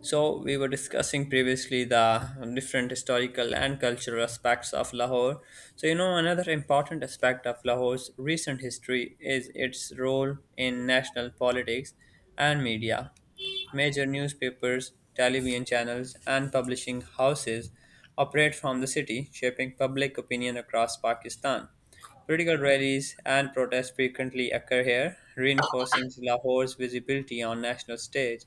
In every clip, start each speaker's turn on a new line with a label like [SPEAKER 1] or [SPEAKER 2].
[SPEAKER 1] So, we were discussing previously the different historical and cultural aspects of Lahore. So, you know, another important aspect of Lahore's recent history is its role in national politics and media. Major newspapers, television channels, and publishing houses operate from the city, shaping public opinion across Pakistan. Political rallies and protests frequently occur here, reinforcing Lahore's visibility on national stage.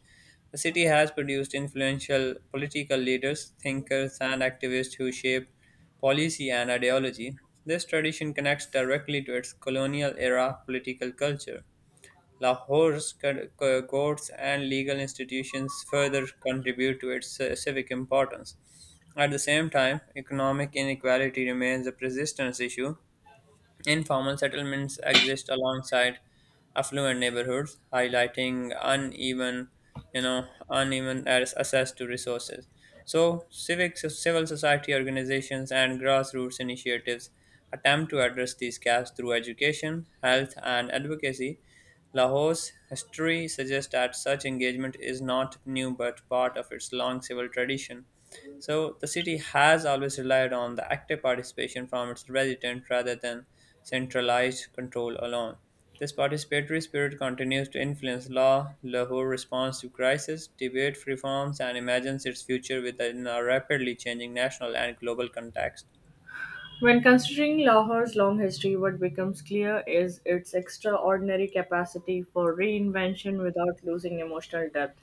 [SPEAKER 1] The city has produced influential political leaders, thinkers, and activists who shape policy and ideology. This tradition connects directly to its colonial era political culture. Lahore's courts and legal institutions further contribute to its civic importance. At the same time, economic inequality remains a persistent issue. Informal settlements exist alongside affluent neighborhoods, highlighting uneven access to resources. So, civil society organizations and grassroots initiatives attempt to address these gaps through education, health, and advocacy. Lahore's history suggests that such engagement is not new but part of its long civil tradition. So, the city has always relied on the active participation from its residents rather than centralized control alone. This participatory spirit continues to influence law, Lahore responds to crisis, debate reforms, and imagines its future within a rapidly changing national and global context.
[SPEAKER 2] When considering Lahore's long history, what becomes clear is its extraordinary capacity for reinvention without losing emotional depth.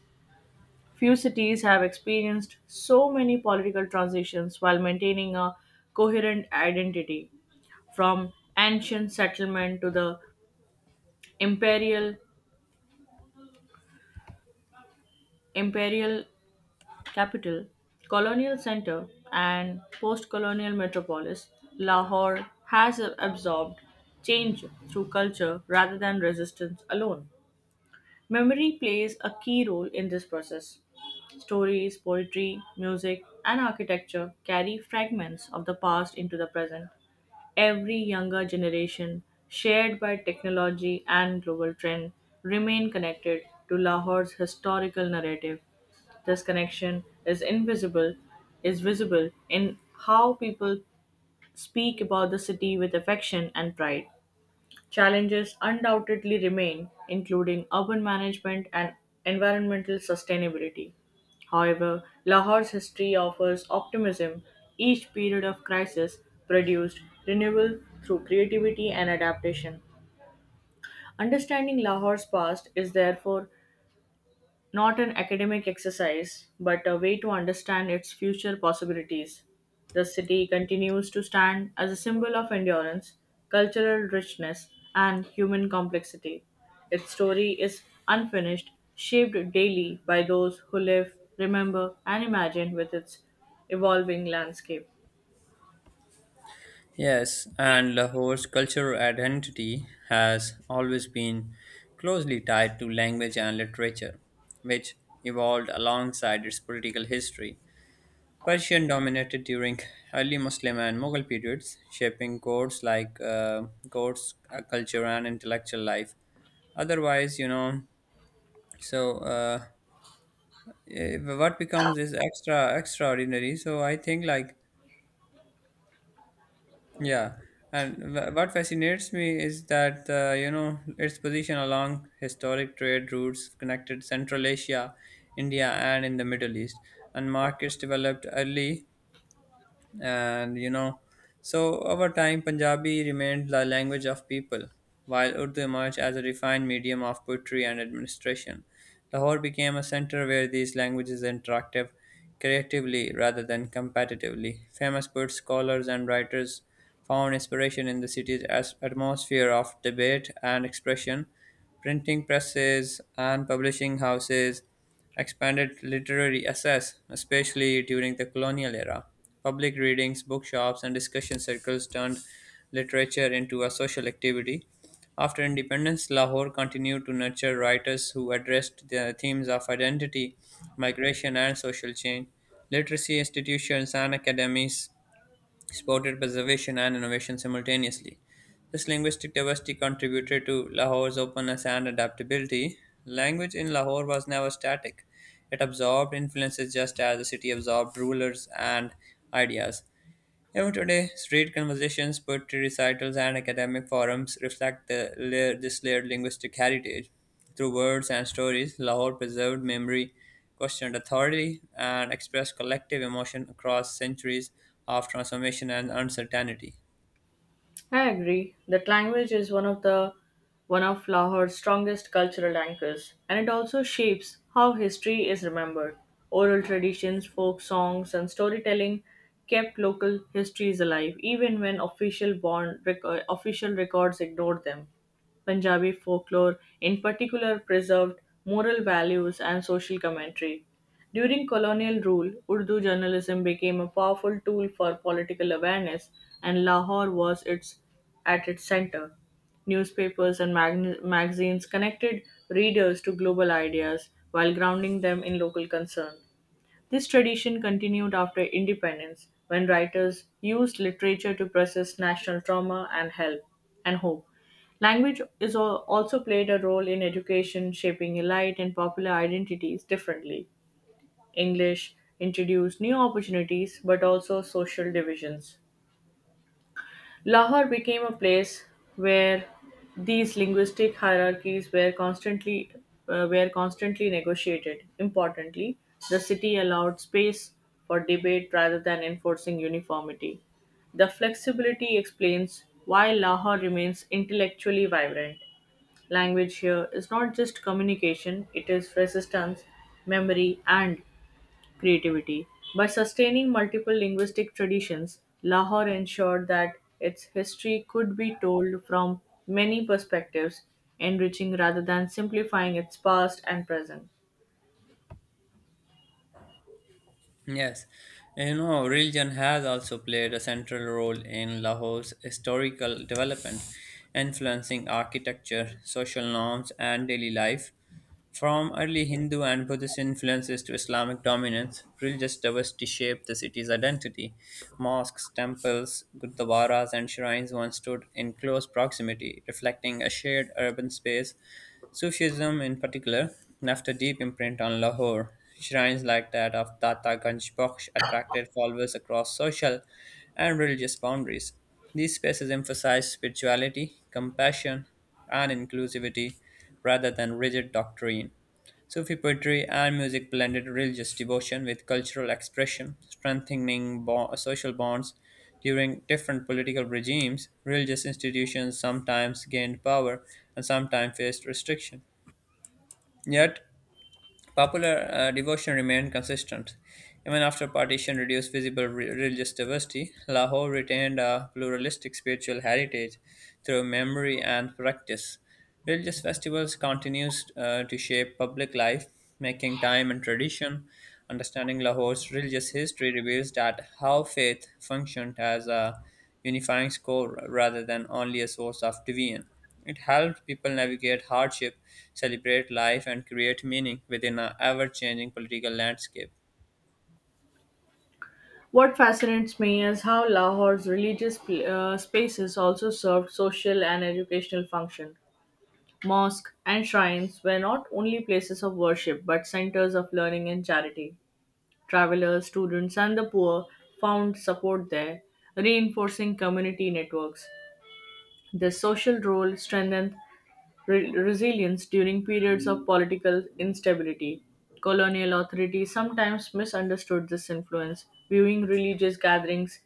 [SPEAKER 2] Few cities have experienced so many political transitions while maintaining a coherent identity, from ancient settlement to the imperial imperial capital, colonial center, and post colonial metropolis, Lahore has absorbed change through culture rather than resistance alone. Memory plays a key role in this process. Stories, poetry, music, and architecture carry fragments of the past into the present. Every younger generation, shared by technology and global trend, remain connected to Lahore's historical narrative. This connection is visible in how people speak about the city with affection and pride. Challenges undoubtedly remain, including urban management and environmental sustainability. However, Lahore's history offers optimism. Each period of crisis produced renewal through creativity and adaptation. Understanding Lahore's past is therefore not an academic exercise, but a way to understand its future possibilities. The city continues to stand as a symbol of endurance, cultural richness, and human complexity. Its story is unfinished, shaped daily by those who live, remember, and imagine with its evolving landscape.
[SPEAKER 1] Yes, and Lahore's cultural identity has always been closely tied to language and literature, which evolved alongside its political history. Persian dominated during early Muslim and Mughal periods, shaping codes, culture, and intellectual life. Otherwise, so uh, what becomes is extraordinary. So I think like Yeah, And what fascinates me is that its position along historic trade routes connected Central Asia, India, and in the Middle East, and markets developed early, and you know so over time, punjabi remained the language of people, while urdu emerged as a refined medium of poetry and administration. Lahore became a center where these languages interacted creatively rather than competitively. Famous poets, scholars, and writers found inspiration in the city's atmosphere of debate and expression. Printing presses and publishing houses expanded literary access, especially during the colonial era. Public readings, bookshops, and discussion circles turned literature into a social activity. After independence, Lahore continued to nurture writers who addressed the themes of identity, migration, and social change. Literacy institutions and academies supported preservation and innovation simultaneously. This linguistic diversity contributed to Lahore's openness and adaptability. Language in Lahore was never static, it absorbed influences just as the city absorbed rulers and ideas. Even today, street conversations, poetry recitals, and academic forums reflect this layered linguistic heritage. Through words and stories, Lahore preserved memory, questioned authority, and expressed collective emotion across centuries of transformation and uncertainty.
[SPEAKER 2] I agree that language is one of Lahore's strongest cultural anchors, and it also shapes how history is remembered. Oral traditions, folk songs, and storytelling kept local histories alive, even when official records ignored them. Punjabi folklore, in particular, preserved moral values and social commentary. During colonial rule, Urdu journalism became a powerful tool for political awareness, and at its center. Newspapers and magazines connected readers to global ideas while grounding them in local concern. This tradition continued after independence, when writers used literature to process national trauma and help and hope. Language also played a role in education, shaping elite and popular identities differently. English introduced new opportunities but also social divisions. Lahore became a place where these linguistic hierarchies were constantly negotiated. Importantly, the city allowed space for debate rather than enforcing uniformity. The flexibility explains why Lahore remains intellectually vibrant. Language here is not just communication, it is resistance, memory, and creativity. By sustaining multiple linguistic traditions, Lahore ensured that its history could be told from many perspectives, enriching rather than simplifying its past and present.
[SPEAKER 1] Yes, you know, religion has also played a central role in Lahore's historical development, influencing architecture, social norms, and daily life. From early Hindu and Buddhist influences to Islamic dominance, religious diversity shaped the city's identity. Mosques, temples, gurdwaras, and shrines once stood in close proximity, reflecting a shared urban space. Sufism, in particular, left a deep imprint on Lahore. Shrines like that of Tata Ganj Bakhsh attracted followers across social and religious boundaries. These spaces emphasize spirituality, compassion, and inclusivity rather than rigid doctrine. Sufi poetry and music blended religious devotion with cultural expression, strengthening social bonds during different political regimes. Religious institutions sometimes gained power and sometimes faced restriction. Yet, popular devotion remained consistent. Even after partition reduced visible religious diversity, Lahore retained a pluralistic spiritual heritage through memory and practice. Religious festivals continues to shape public life, making time and tradition. Understanding Lahore's religious history reveals that how faith functioned as a unifying score rather than only a source of division. It helped people navigate hardship, celebrate life, and create meaning within an ever changing political landscape.
[SPEAKER 2] What fascinates me is how Lahore's religious spaces also served social and educational function. Mosque and shrines were not only places of worship but centers of learning and charity. Travelers, students, and the poor found support there, reinforcing community networks. Their social role strengthened resilience during periods of political instability. Colonial authorities sometimes misunderstood this influence, viewing religious gatherings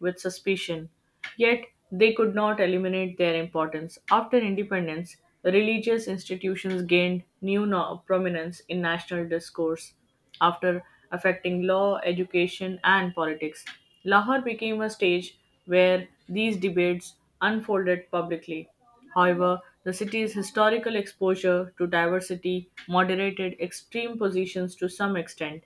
[SPEAKER 2] with suspicion. Yet, they could not eliminate their importance. After independence, religious institutions gained new prominence in national discourse after affecting law, education, and politics. Lahore became a stage where these debates unfolded publicly. However, the city's historical exposure to diversity moderated extreme positions to some extent.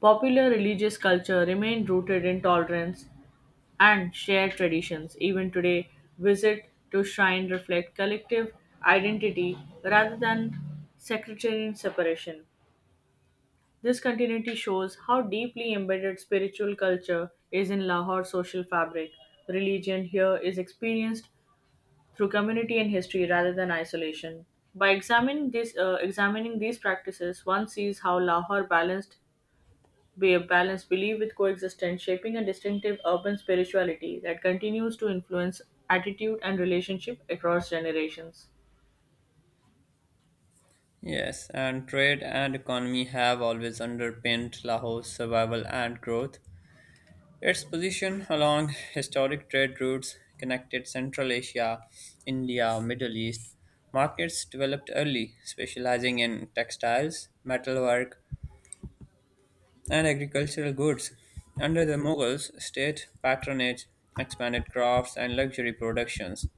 [SPEAKER 2] Popular religious culture remained rooted in tolerance and shared traditions. Even today, visit to shrine reflect collective identity rather than sectarian separation. This continuity shows how deeply embedded spiritual culture is in Lahore's social fabric. Religion here is experienced through community and history rather than isolation. By examining these practices, one sees how Lahore balanced belief with coexistence, shaping a distinctive urban spirituality that continues to influence attitude and relationship across generations.
[SPEAKER 1] Yes, and trade and economy have always underpinned Lahore's survival and growth. Its position along historic trade routes connected Central Asia, India, Middle East. Markets developed early, specializing in textiles, metalwork, and agricultural goods. Under the Mughals, state patronage expanded crafts and luxury productions.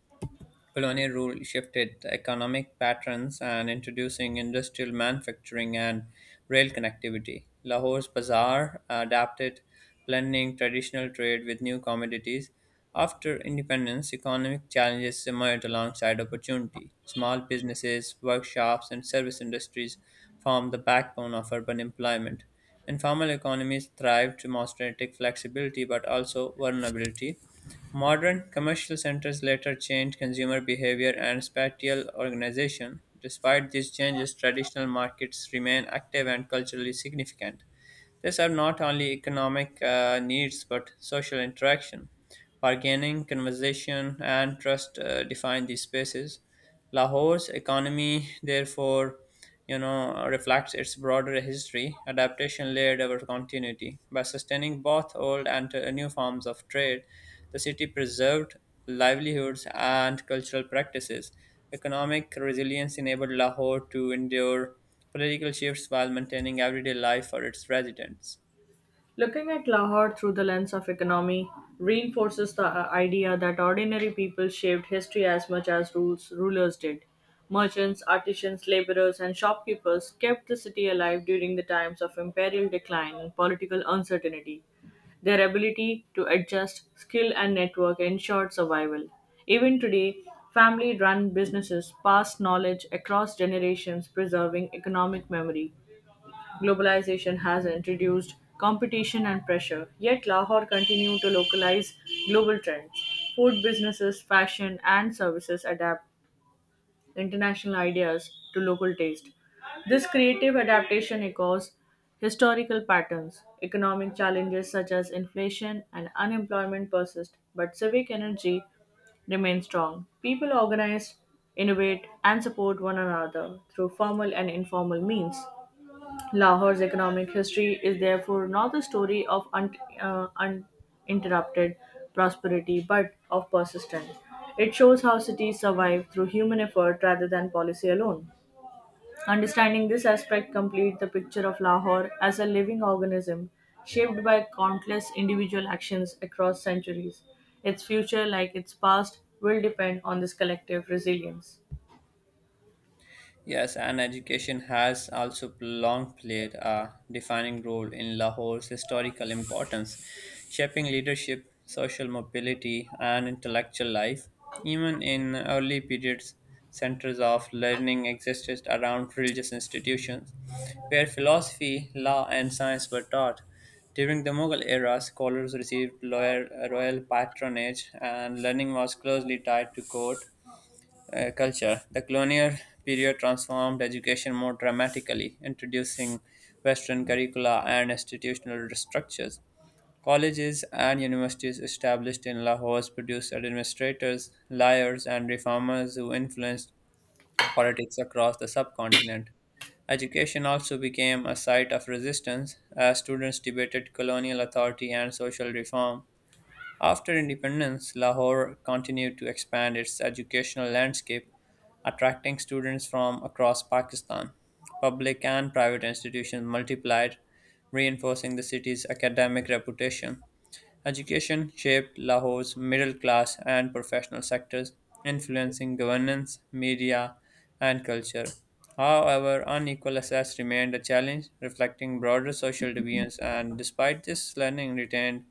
[SPEAKER 1] Colonial rule shifted the economic patterns and introducing industrial manufacturing and rail connectivity. Lahore's bazaar adapted, blending traditional trade with new commodities. After independence, economic challenges emerged alongside opportunity. Small businesses, workshops, and service industries formed the backbone of urban employment. Informal economies thrived, demonstrating flexibility but also vulnerability. Modern commercial centers later changed consumer behavior and spatial organization. Despite these changes, traditional markets remain active and culturally significant. They serve not only economic needs but social interaction. Bargaining, conversation, and trust define these spaces. Lahore's economy, therefore, you know, reflects its broader history. Adaptation layered over continuity. By sustaining both old and new forms of trade, the city preserved livelihoods and cultural practices. Economic resilience enabled Lahore to endure political shifts while maintaining everyday life for its residents.
[SPEAKER 2] Looking at Lahore through the lens of economy reinforces the idea that ordinary people shaped history as much as rulers did. Merchants, artisans, laborers, and shopkeepers kept the city alive during the times of imperial decline and political uncertainty. Their ability to adjust, skill, and network ensured survival. Even today, family run businesses pass knowledge across generations, preserving economic memory. Globalization has introduced competition and pressure, yet Lahore continues to localize global trends. Food businesses, fashion, and services adapt international ideas to local taste. This creative adaptation echoes historical patterns. Economic challenges such as inflation and unemployment persist, but civic energy remains strong. People organize, innovate, and support one another through formal and informal means. Lahore's economic history is therefore not the story of uninterrupted prosperity but of persistence. It shows how cities survive through human effort rather than policy alone. Understanding this aspect completes the picture of Lahore as a living organism shaped by countless individual actions across centuries. Its future, like its past, will depend on this collective resilience.
[SPEAKER 1] Yes, and education has also long played a defining role in Lahore's historical importance, shaping leadership, social mobility, and intellectual life. Even in early periods, centers of learning existed around religious institutions, where philosophy, law, and science were taught. During the Mughal era, scholars received royal patronage, and learning was closely tied to court culture. The colonial period transformed education more dramatically, introducing Western curricula and institutional structures. Colleges and universities established in Lahore produced administrators, lawyers, and reformers who influenced politics across the subcontinent. Education also became a site of resistance as students debated colonial authority and social reform. After independence, Lahore continued to expand its educational landscape, attracting students from across Pakistan. Public and private institutions multiplied, reinforcing the city's academic reputation. Education shaped Lahore's middle class and professional sectors, influencing governance, media, and culture. However, unequal access remained a challenge, reflecting broader social deviance, and despite this, learning retained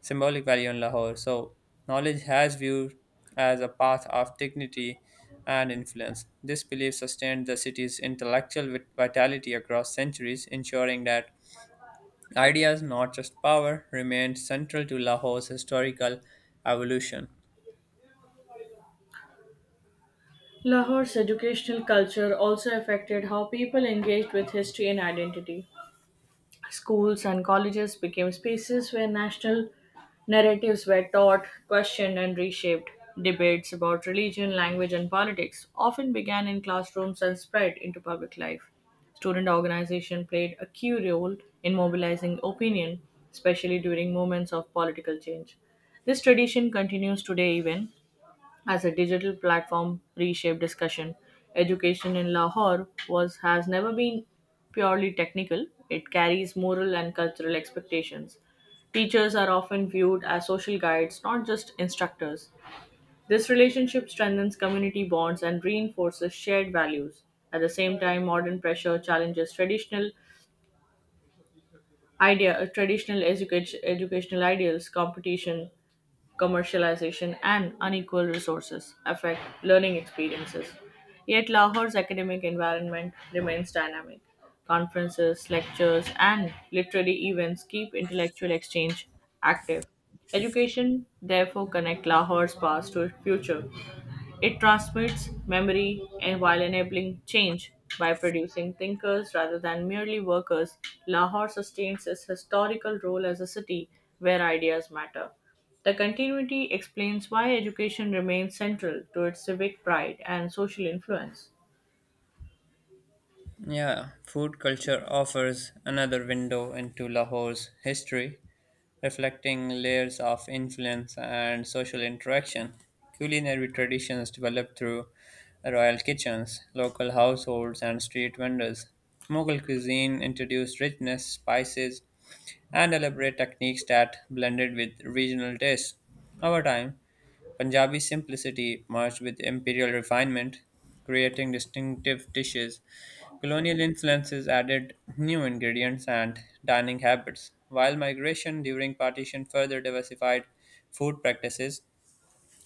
[SPEAKER 1] symbolic value in Lahore. So, knowledge has viewed as a path of dignity and influence. This belief sustained the city's intellectual vitality across centuries, ensuring that ideas, not just power, remained central to Lahore's historical evolution.
[SPEAKER 2] Lahore's educational culture also affected how people engaged with history and identity. Schools and colleges became spaces where national narratives were taught, questioned, and reshaped. Debates about religion, language, and politics often began in classrooms and spread into public life. Student organization played a key role in mobilizing opinion, especially during moments of political change. This tradition continues today even as a digital platform reshaped discussion. Education in Lahore was has never been purely technical. It carries moral and cultural expectations. Teachers are often viewed as social guides, not just instructors. This relationship strengthens community bonds and reinforces shared values. At the same time, modern pressure challenges traditional educational ideals, competition, commercialization, and unequal resources affect learning experiences. Yet Lahore's academic environment remains dynamic. Conferences, lectures, and literary events keep intellectual exchange active. Education therefore connects Lahore's past to its future. It transmits memory and while enabling change. By producing thinkers rather than merely workers, Lahore sustains its historical role as a city where ideas matter. The continuity explains why education remains central to its civic pride and social influence.
[SPEAKER 1] Yeah, food culture offers another window into Lahore's history, reflecting layers of influence and social interaction. Culinary traditions developed through royal kitchens, local households, and street vendors. Mughal cuisine introduced richness, spices, and elaborate techniques that blended with regional tastes. Over time, Punjabi simplicity merged with imperial refinement, creating distinctive dishes. Colonial influences added new ingredients and dining habits, while migration during partition further diversified food practices.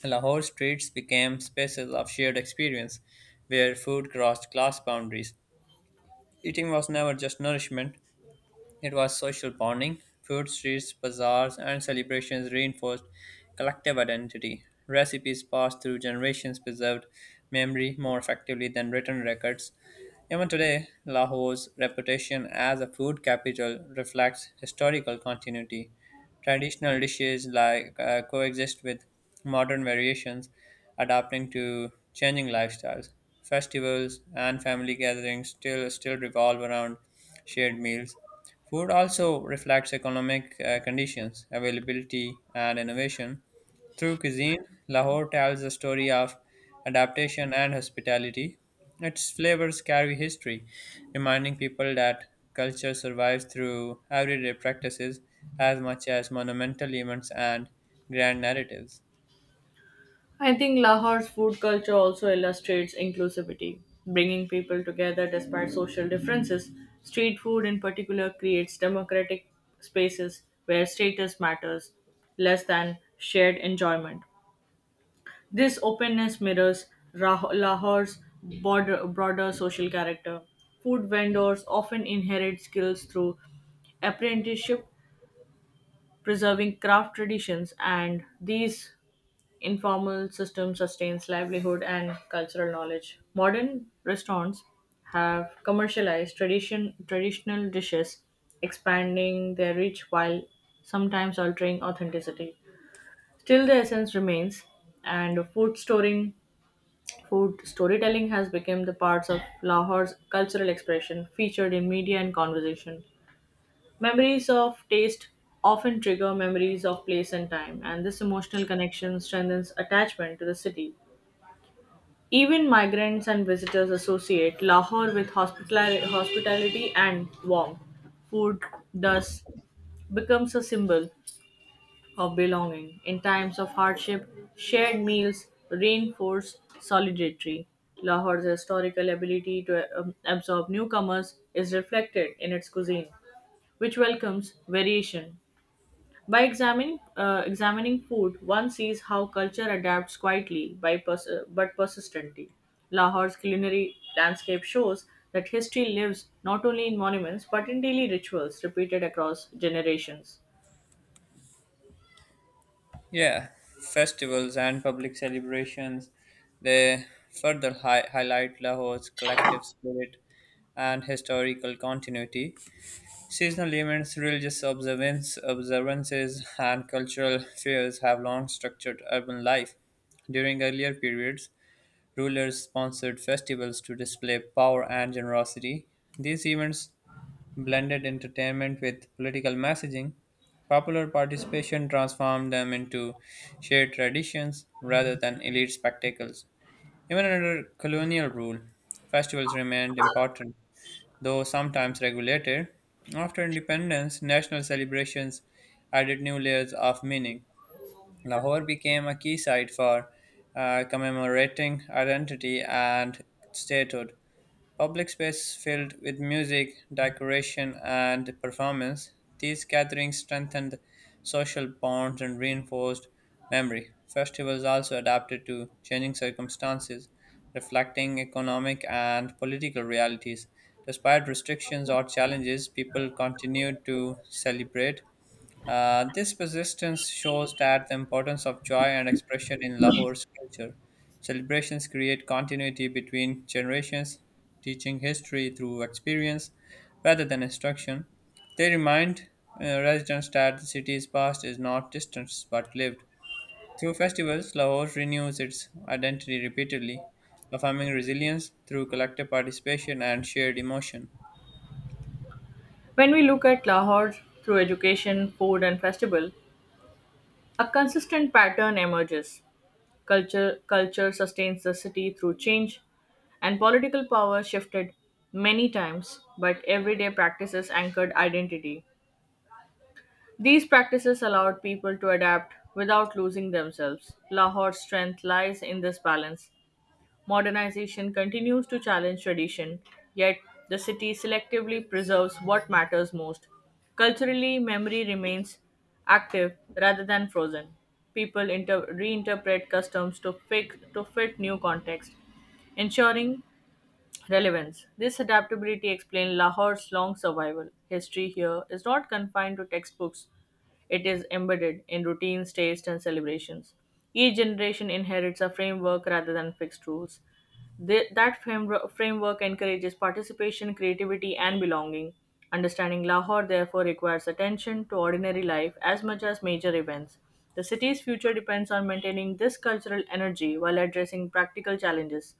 [SPEAKER 1] Lahore streets became spaces of shared experience where food crossed class boundaries. Eating was never just nourishment, it was social bonding. Food streets, bazaars, and celebrations reinforced collective identity. Recipes passed through generations preserved memory more effectively than written records. Even today, Lahore's reputation as a food capital reflects historical continuity. Traditional dishes like coexist with modern variations, adapting to changing lifestyles. Festivals and family gatherings still revolve around shared meals. Food also reflects economic conditions, availability, and innovation. Through cuisine, Lahore tells the story of adaptation and hospitality. Its flavors carry history, reminding people that culture survives through everyday practices as much as monumental events and grand narratives.
[SPEAKER 2] I think Lahore's food culture also illustrates inclusivity, bringing people together despite social differences. Street food, in particular, creates democratic spaces where status matters less than shared enjoyment. This openness mirrors Lahore's broader social character. Food vendors often inherit skills through apprenticeship, preserving craft traditions, and these informal system sustains livelihood and cultural knowledge. Modern restaurants have commercialized traditional dishes, expanding their reach while sometimes altering authenticity. Still, the essence remains, and food storytelling has become the parts of Lahore's cultural expression, featured in media and conversation. Memories of taste often trigger memories of place and time, and this emotional connection strengthens attachment to the city. Even migrants and visitors associate Lahore with hospitality and warmth. Food thus becomes a symbol of belonging. In times of hardship, shared meals reinforce solidarity. Lahore's historical ability to absorb newcomers is reflected in its cuisine, which welcomes variation. By examining food, one sees how culture adapts quietly but persistently. Lahore's culinary landscape shows that history lives not only in monuments but in daily rituals repeated across generations.
[SPEAKER 1] Yeah, festivals and public celebrations, they further highlight Lahore's collective spirit and historical continuity. Seasonal events, religious observances, and cultural fairs have long structured urban life. During earlier periods, rulers sponsored festivals to display power and generosity. These events blended entertainment with political messaging. Popular participation transformed them into shared traditions rather than elite spectacles. Even under colonial rule, festivals remained important, though sometimes regulated. After independence, national celebrations added new layers of meaning. Lahore became a key site for commemorating identity and statehood. Public space filled with music, decoration, and performance, these gatherings strengthened social bonds and reinforced memory. Festivals also adapted to changing circumstances, reflecting economic and political realities. Despite restrictions or challenges, people continued to celebrate. This persistence shows that the importance of joy and expression in Lahore's culture. Celebrations create continuity between generations, teaching history through experience rather than instruction. They remind residents that the city's past is not distant but lived. Through festivals, Lahore renews its identity repeatedly, affirming resilience through collective participation and shared emotion.
[SPEAKER 2] When we look at Lahore through education, food, and festival, a consistent pattern emerges. Culture sustains the city through change, and political power shifted many times, but everyday practices anchored identity. These practices allowed people to adapt without losing themselves. Lahore's strength lies in this balance. Modernization continues to challenge tradition, yet the city selectively preserves what matters most. Culturally, memory remains active rather than frozen. People reinterpret customs to fit new context, ensuring relevance. This adaptability explains Lahore's long survival. History here is not confined to textbooks, it is embedded in routines, tastes, and celebrations. Each generation inherits a framework rather than fixed rules. That framework encourages participation, creativity, and belonging. Understanding Lahore therefore requires attention to ordinary life as much as major events. The city's future depends on maintaining this cultural energy while addressing practical challenges.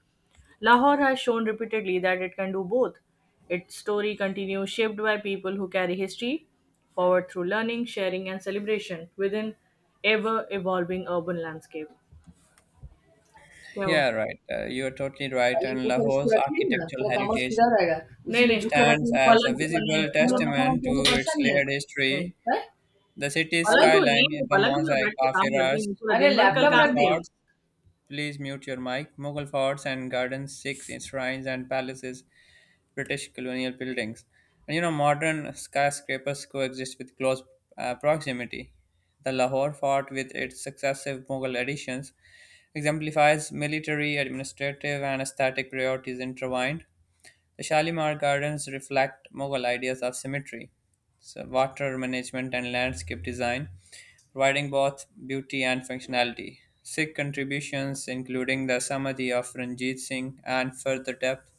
[SPEAKER 2] Lahore has shown repeatedly that it can do both. Its story continues shaped by people who carry history forward through learning, sharing, and celebration within ever evolving urban landscape. क्या हुआ?
[SPEAKER 1] Yeah, right. You are totally right.
[SPEAKER 2] पहले
[SPEAKER 1] And
[SPEAKER 2] इनको फिर इसको
[SPEAKER 1] Lahore's
[SPEAKER 2] रखिए ना
[SPEAKER 1] architectural
[SPEAKER 2] थोड़ा काम
[SPEAKER 1] heritage
[SPEAKER 2] सीधा रहेगा नहीं उसी नहीं, में नहीं झुक के
[SPEAKER 1] stands
[SPEAKER 2] बैठने
[SPEAKER 1] as a
[SPEAKER 2] पलंग पर नहीं
[SPEAKER 1] visible
[SPEAKER 2] वाला पलंग मखन
[SPEAKER 1] testament to
[SPEAKER 2] उनको भी
[SPEAKER 1] its
[SPEAKER 2] परेशान नहीं है
[SPEAKER 1] layered
[SPEAKER 2] नहीं
[SPEAKER 1] history.
[SPEAKER 2] हैं?
[SPEAKER 1] The city's
[SPEAKER 2] पलंग पलंग को
[SPEAKER 1] skyline is
[SPEAKER 2] नहीं
[SPEAKER 1] a
[SPEAKER 2] पलंग पर
[SPEAKER 1] mosaic
[SPEAKER 2] बैठ के
[SPEAKER 1] of
[SPEAKER 2] काम करते हैं
[SPEAKER 1] eras,
[SPEAKER 2] इनको अरे दिन भर कल लैपटॉप
[SPEAKER 1] Mughal
[SPEAKER 2] काम रख दिए किया.
[SPEAKER 1] forts, please mute your mic, Mughal forts and gardens, Sikh shrines and palaces, British colonial buildings. And you know, modern skyscrapers coexist with close proximity. The Lahore fort, with its successive Mughal additions, exemplifies military, administrative, and aesthetic priorities intertwined. The Shalimar Gardens reflect Mughal ideas of symmetry, so water management, and landscape design, providing both beauty and functionality. Sikh contributions, including the Samadhi of Ranjit Singh, and further depth,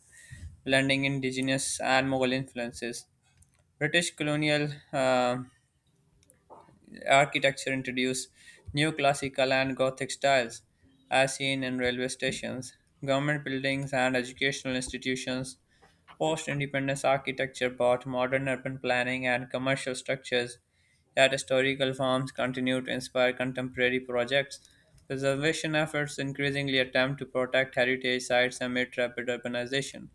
[SPEAKER 1] blending indigenous and Mughal influences. British colonial architecture introduced new classical and Gothic styles, as seen in railway stations, government buildings, and educational institutions. Post-independence architecture brought modern urban planning and commercial structures, yet historical forms continue to inspire contemporary projects. Preservation efforts increasingly attempt to protect heritage sites amid rapid urbanization.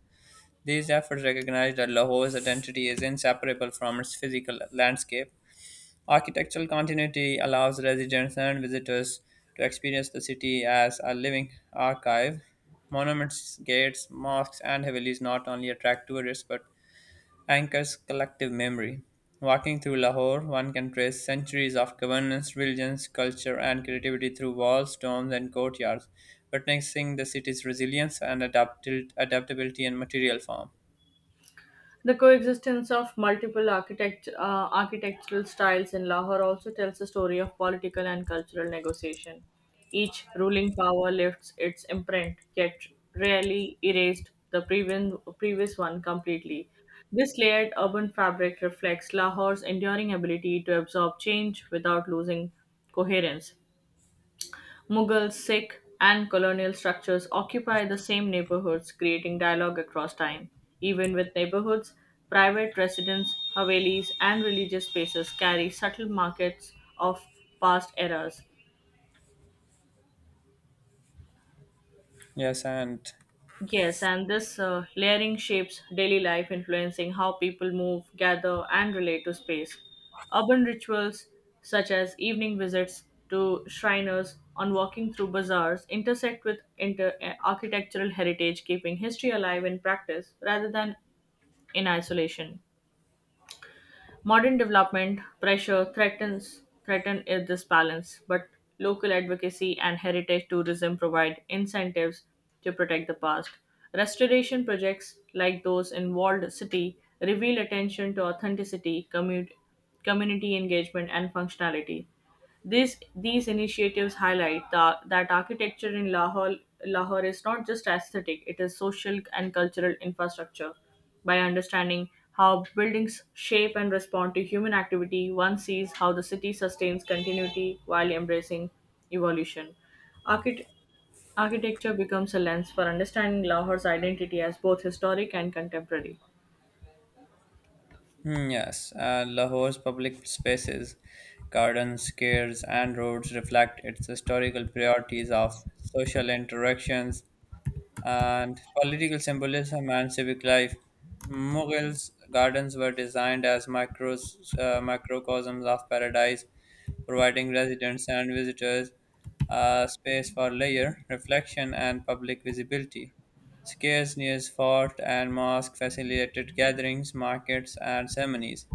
[SPEAKER 1] These efforts recognize that Lahore's identity is inseparable from its physical landscape. Architectural continuity allows residents and visitors to experience the city as a living archive. Monuments, gates, mosques, and havelis not only attract tourists but anchors collective memory. Walking through Lahore, one can trace centuries of governance, religions, culture, and creativity through walls, domes, and courtyards, witnessing the city's resilience and adaptability in material form.
[SPEAKER 2] The coexistence of multiple architectural styles in Lahore also tells the story of political and cultural negotiation. Each ruling power lifts its imprint, yet rarely erased the previous one completely. This layered urban fabric reflects Lahore's enduring ability to absorb change without losing coherence. Mughal, Sikh, and colonial structures occupy the same neighborhoods, creating dialogue across time. Even with neighborhoods, private residence, havelis, and religious spaces carry subtle markets of past eras.
[SPEAKER 1] Yes, and
[SPEAKER 2] Yes, and this layering shapes daily life, influencing how people move, gather, and relate to space. Urban rituals such as evening visits to shriners on walking through bazaars intersect with architectural heritage, keeping history alive in practice rather than in isolation. Modern development pressure threatens this balance, but local advocacy and heritage tourism provide incentives to protect the past. Restoration projects like those in Walled City reveal attention to authenticity, community engagement, and functionality. These initiatives highlight that architecture in Lahore is not just aesthetic, it is social and cultural infrastructure. By understanding how buildings shape and respond to human activity, one sees how the city sustains continuity while embracing evolution. Archit- Architecture becomes a lens for understanding Lahore's identity as both historic and contemporary.
[SPEAKER 1] yes, and Lahore's public spaces, gardens, squares, and roads reflect its historical priorities of social interactions, and political symbolism and civic life. Mughals' gardens were designed as microcosms of paradise, providing residents and visitors space for leisure, reflection, and public visibility. Squares near fort and mosque facilitated gatherings, markets, and ceremonies.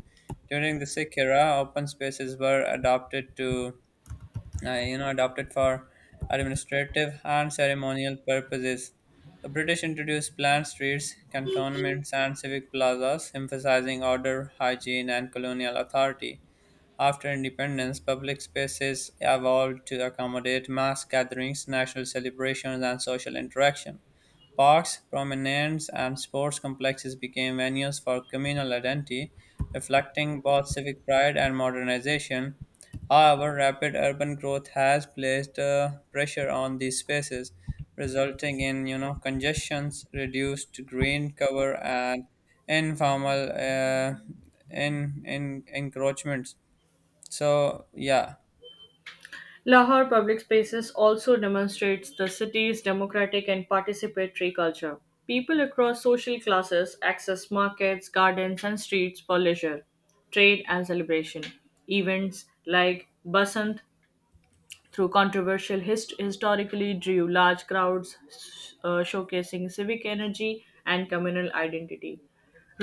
[SPEAKER 1] During the Sikh era, open spaces were adopted to you know, adopted for administrative and ceremonial purposes. The British introduced planned streets, cantonments, and civic plazas, emphasizing order, hygiene, and colonial authority. After independence, public spaces evolved to accommodate mass gatherings, national celebrations, and social interaction. Parks, promenades, and sports complexes became venues for communal identity, reflecting both civic pride and modernization. However, rapid urban growth has placed pressure on these spaces, resulting in you know congestions, reduced green cover, and informal in encroachments. So, yeah,
[SPEAKER 2] Lahore public spaces also demonstrates the city's democratic and participatory culture. People across social classes access markets, gardens, and streets for leisure, trade, and celebration. Events like Basant through controversial historically drew large crowds showcasing civic energy and communal identity.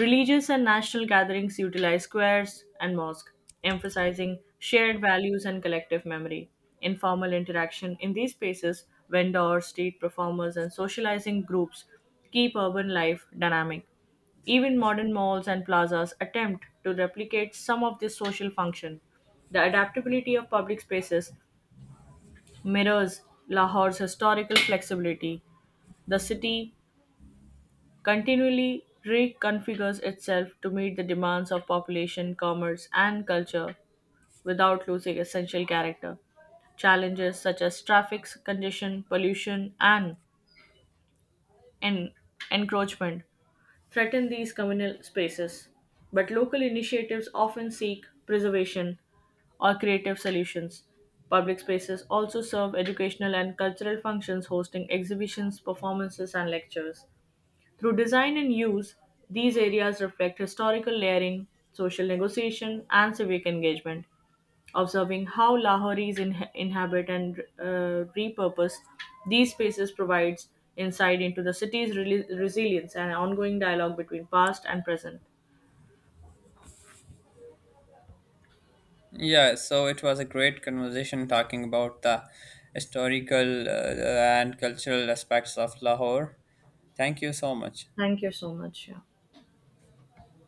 [SPEAKER 2] Religious and national gatherings utilize squares and mosques, emphasizing shared values and collective memory. Informal interaction in these spaces, vendors, street performers, and socializing groups keep urban life dynamic. Even modern malls and plazas attempt to replicate some of this social function. The adaptability of public spaces mirrors Lahore's historical flexibility. The city continually reconfigures itself to meet the demands of population, commerce, and culture without losing essential character. Challenges such as traffic congestion, pollution, and en- encroachment threaten these communal spaces, but local initiatives often seek preservation or creative solutions. Public spaces also serve educational and cultural functions, hosting exhibitions, performances, and lectures. Through design and use, these areas reflect historical layering, social negotiation, and civic engagement observing how Lahoris inhabit and repurpose these spaces provides insight into the city's reli resilience and ongoing dialogue between past and present.
[SPEAKER 1] yeah, so it was a great conversation talking about the historical and cultural aspects of Lahore. Thank you so much.
[SPEAKER 2] Thank you so much. Yeah.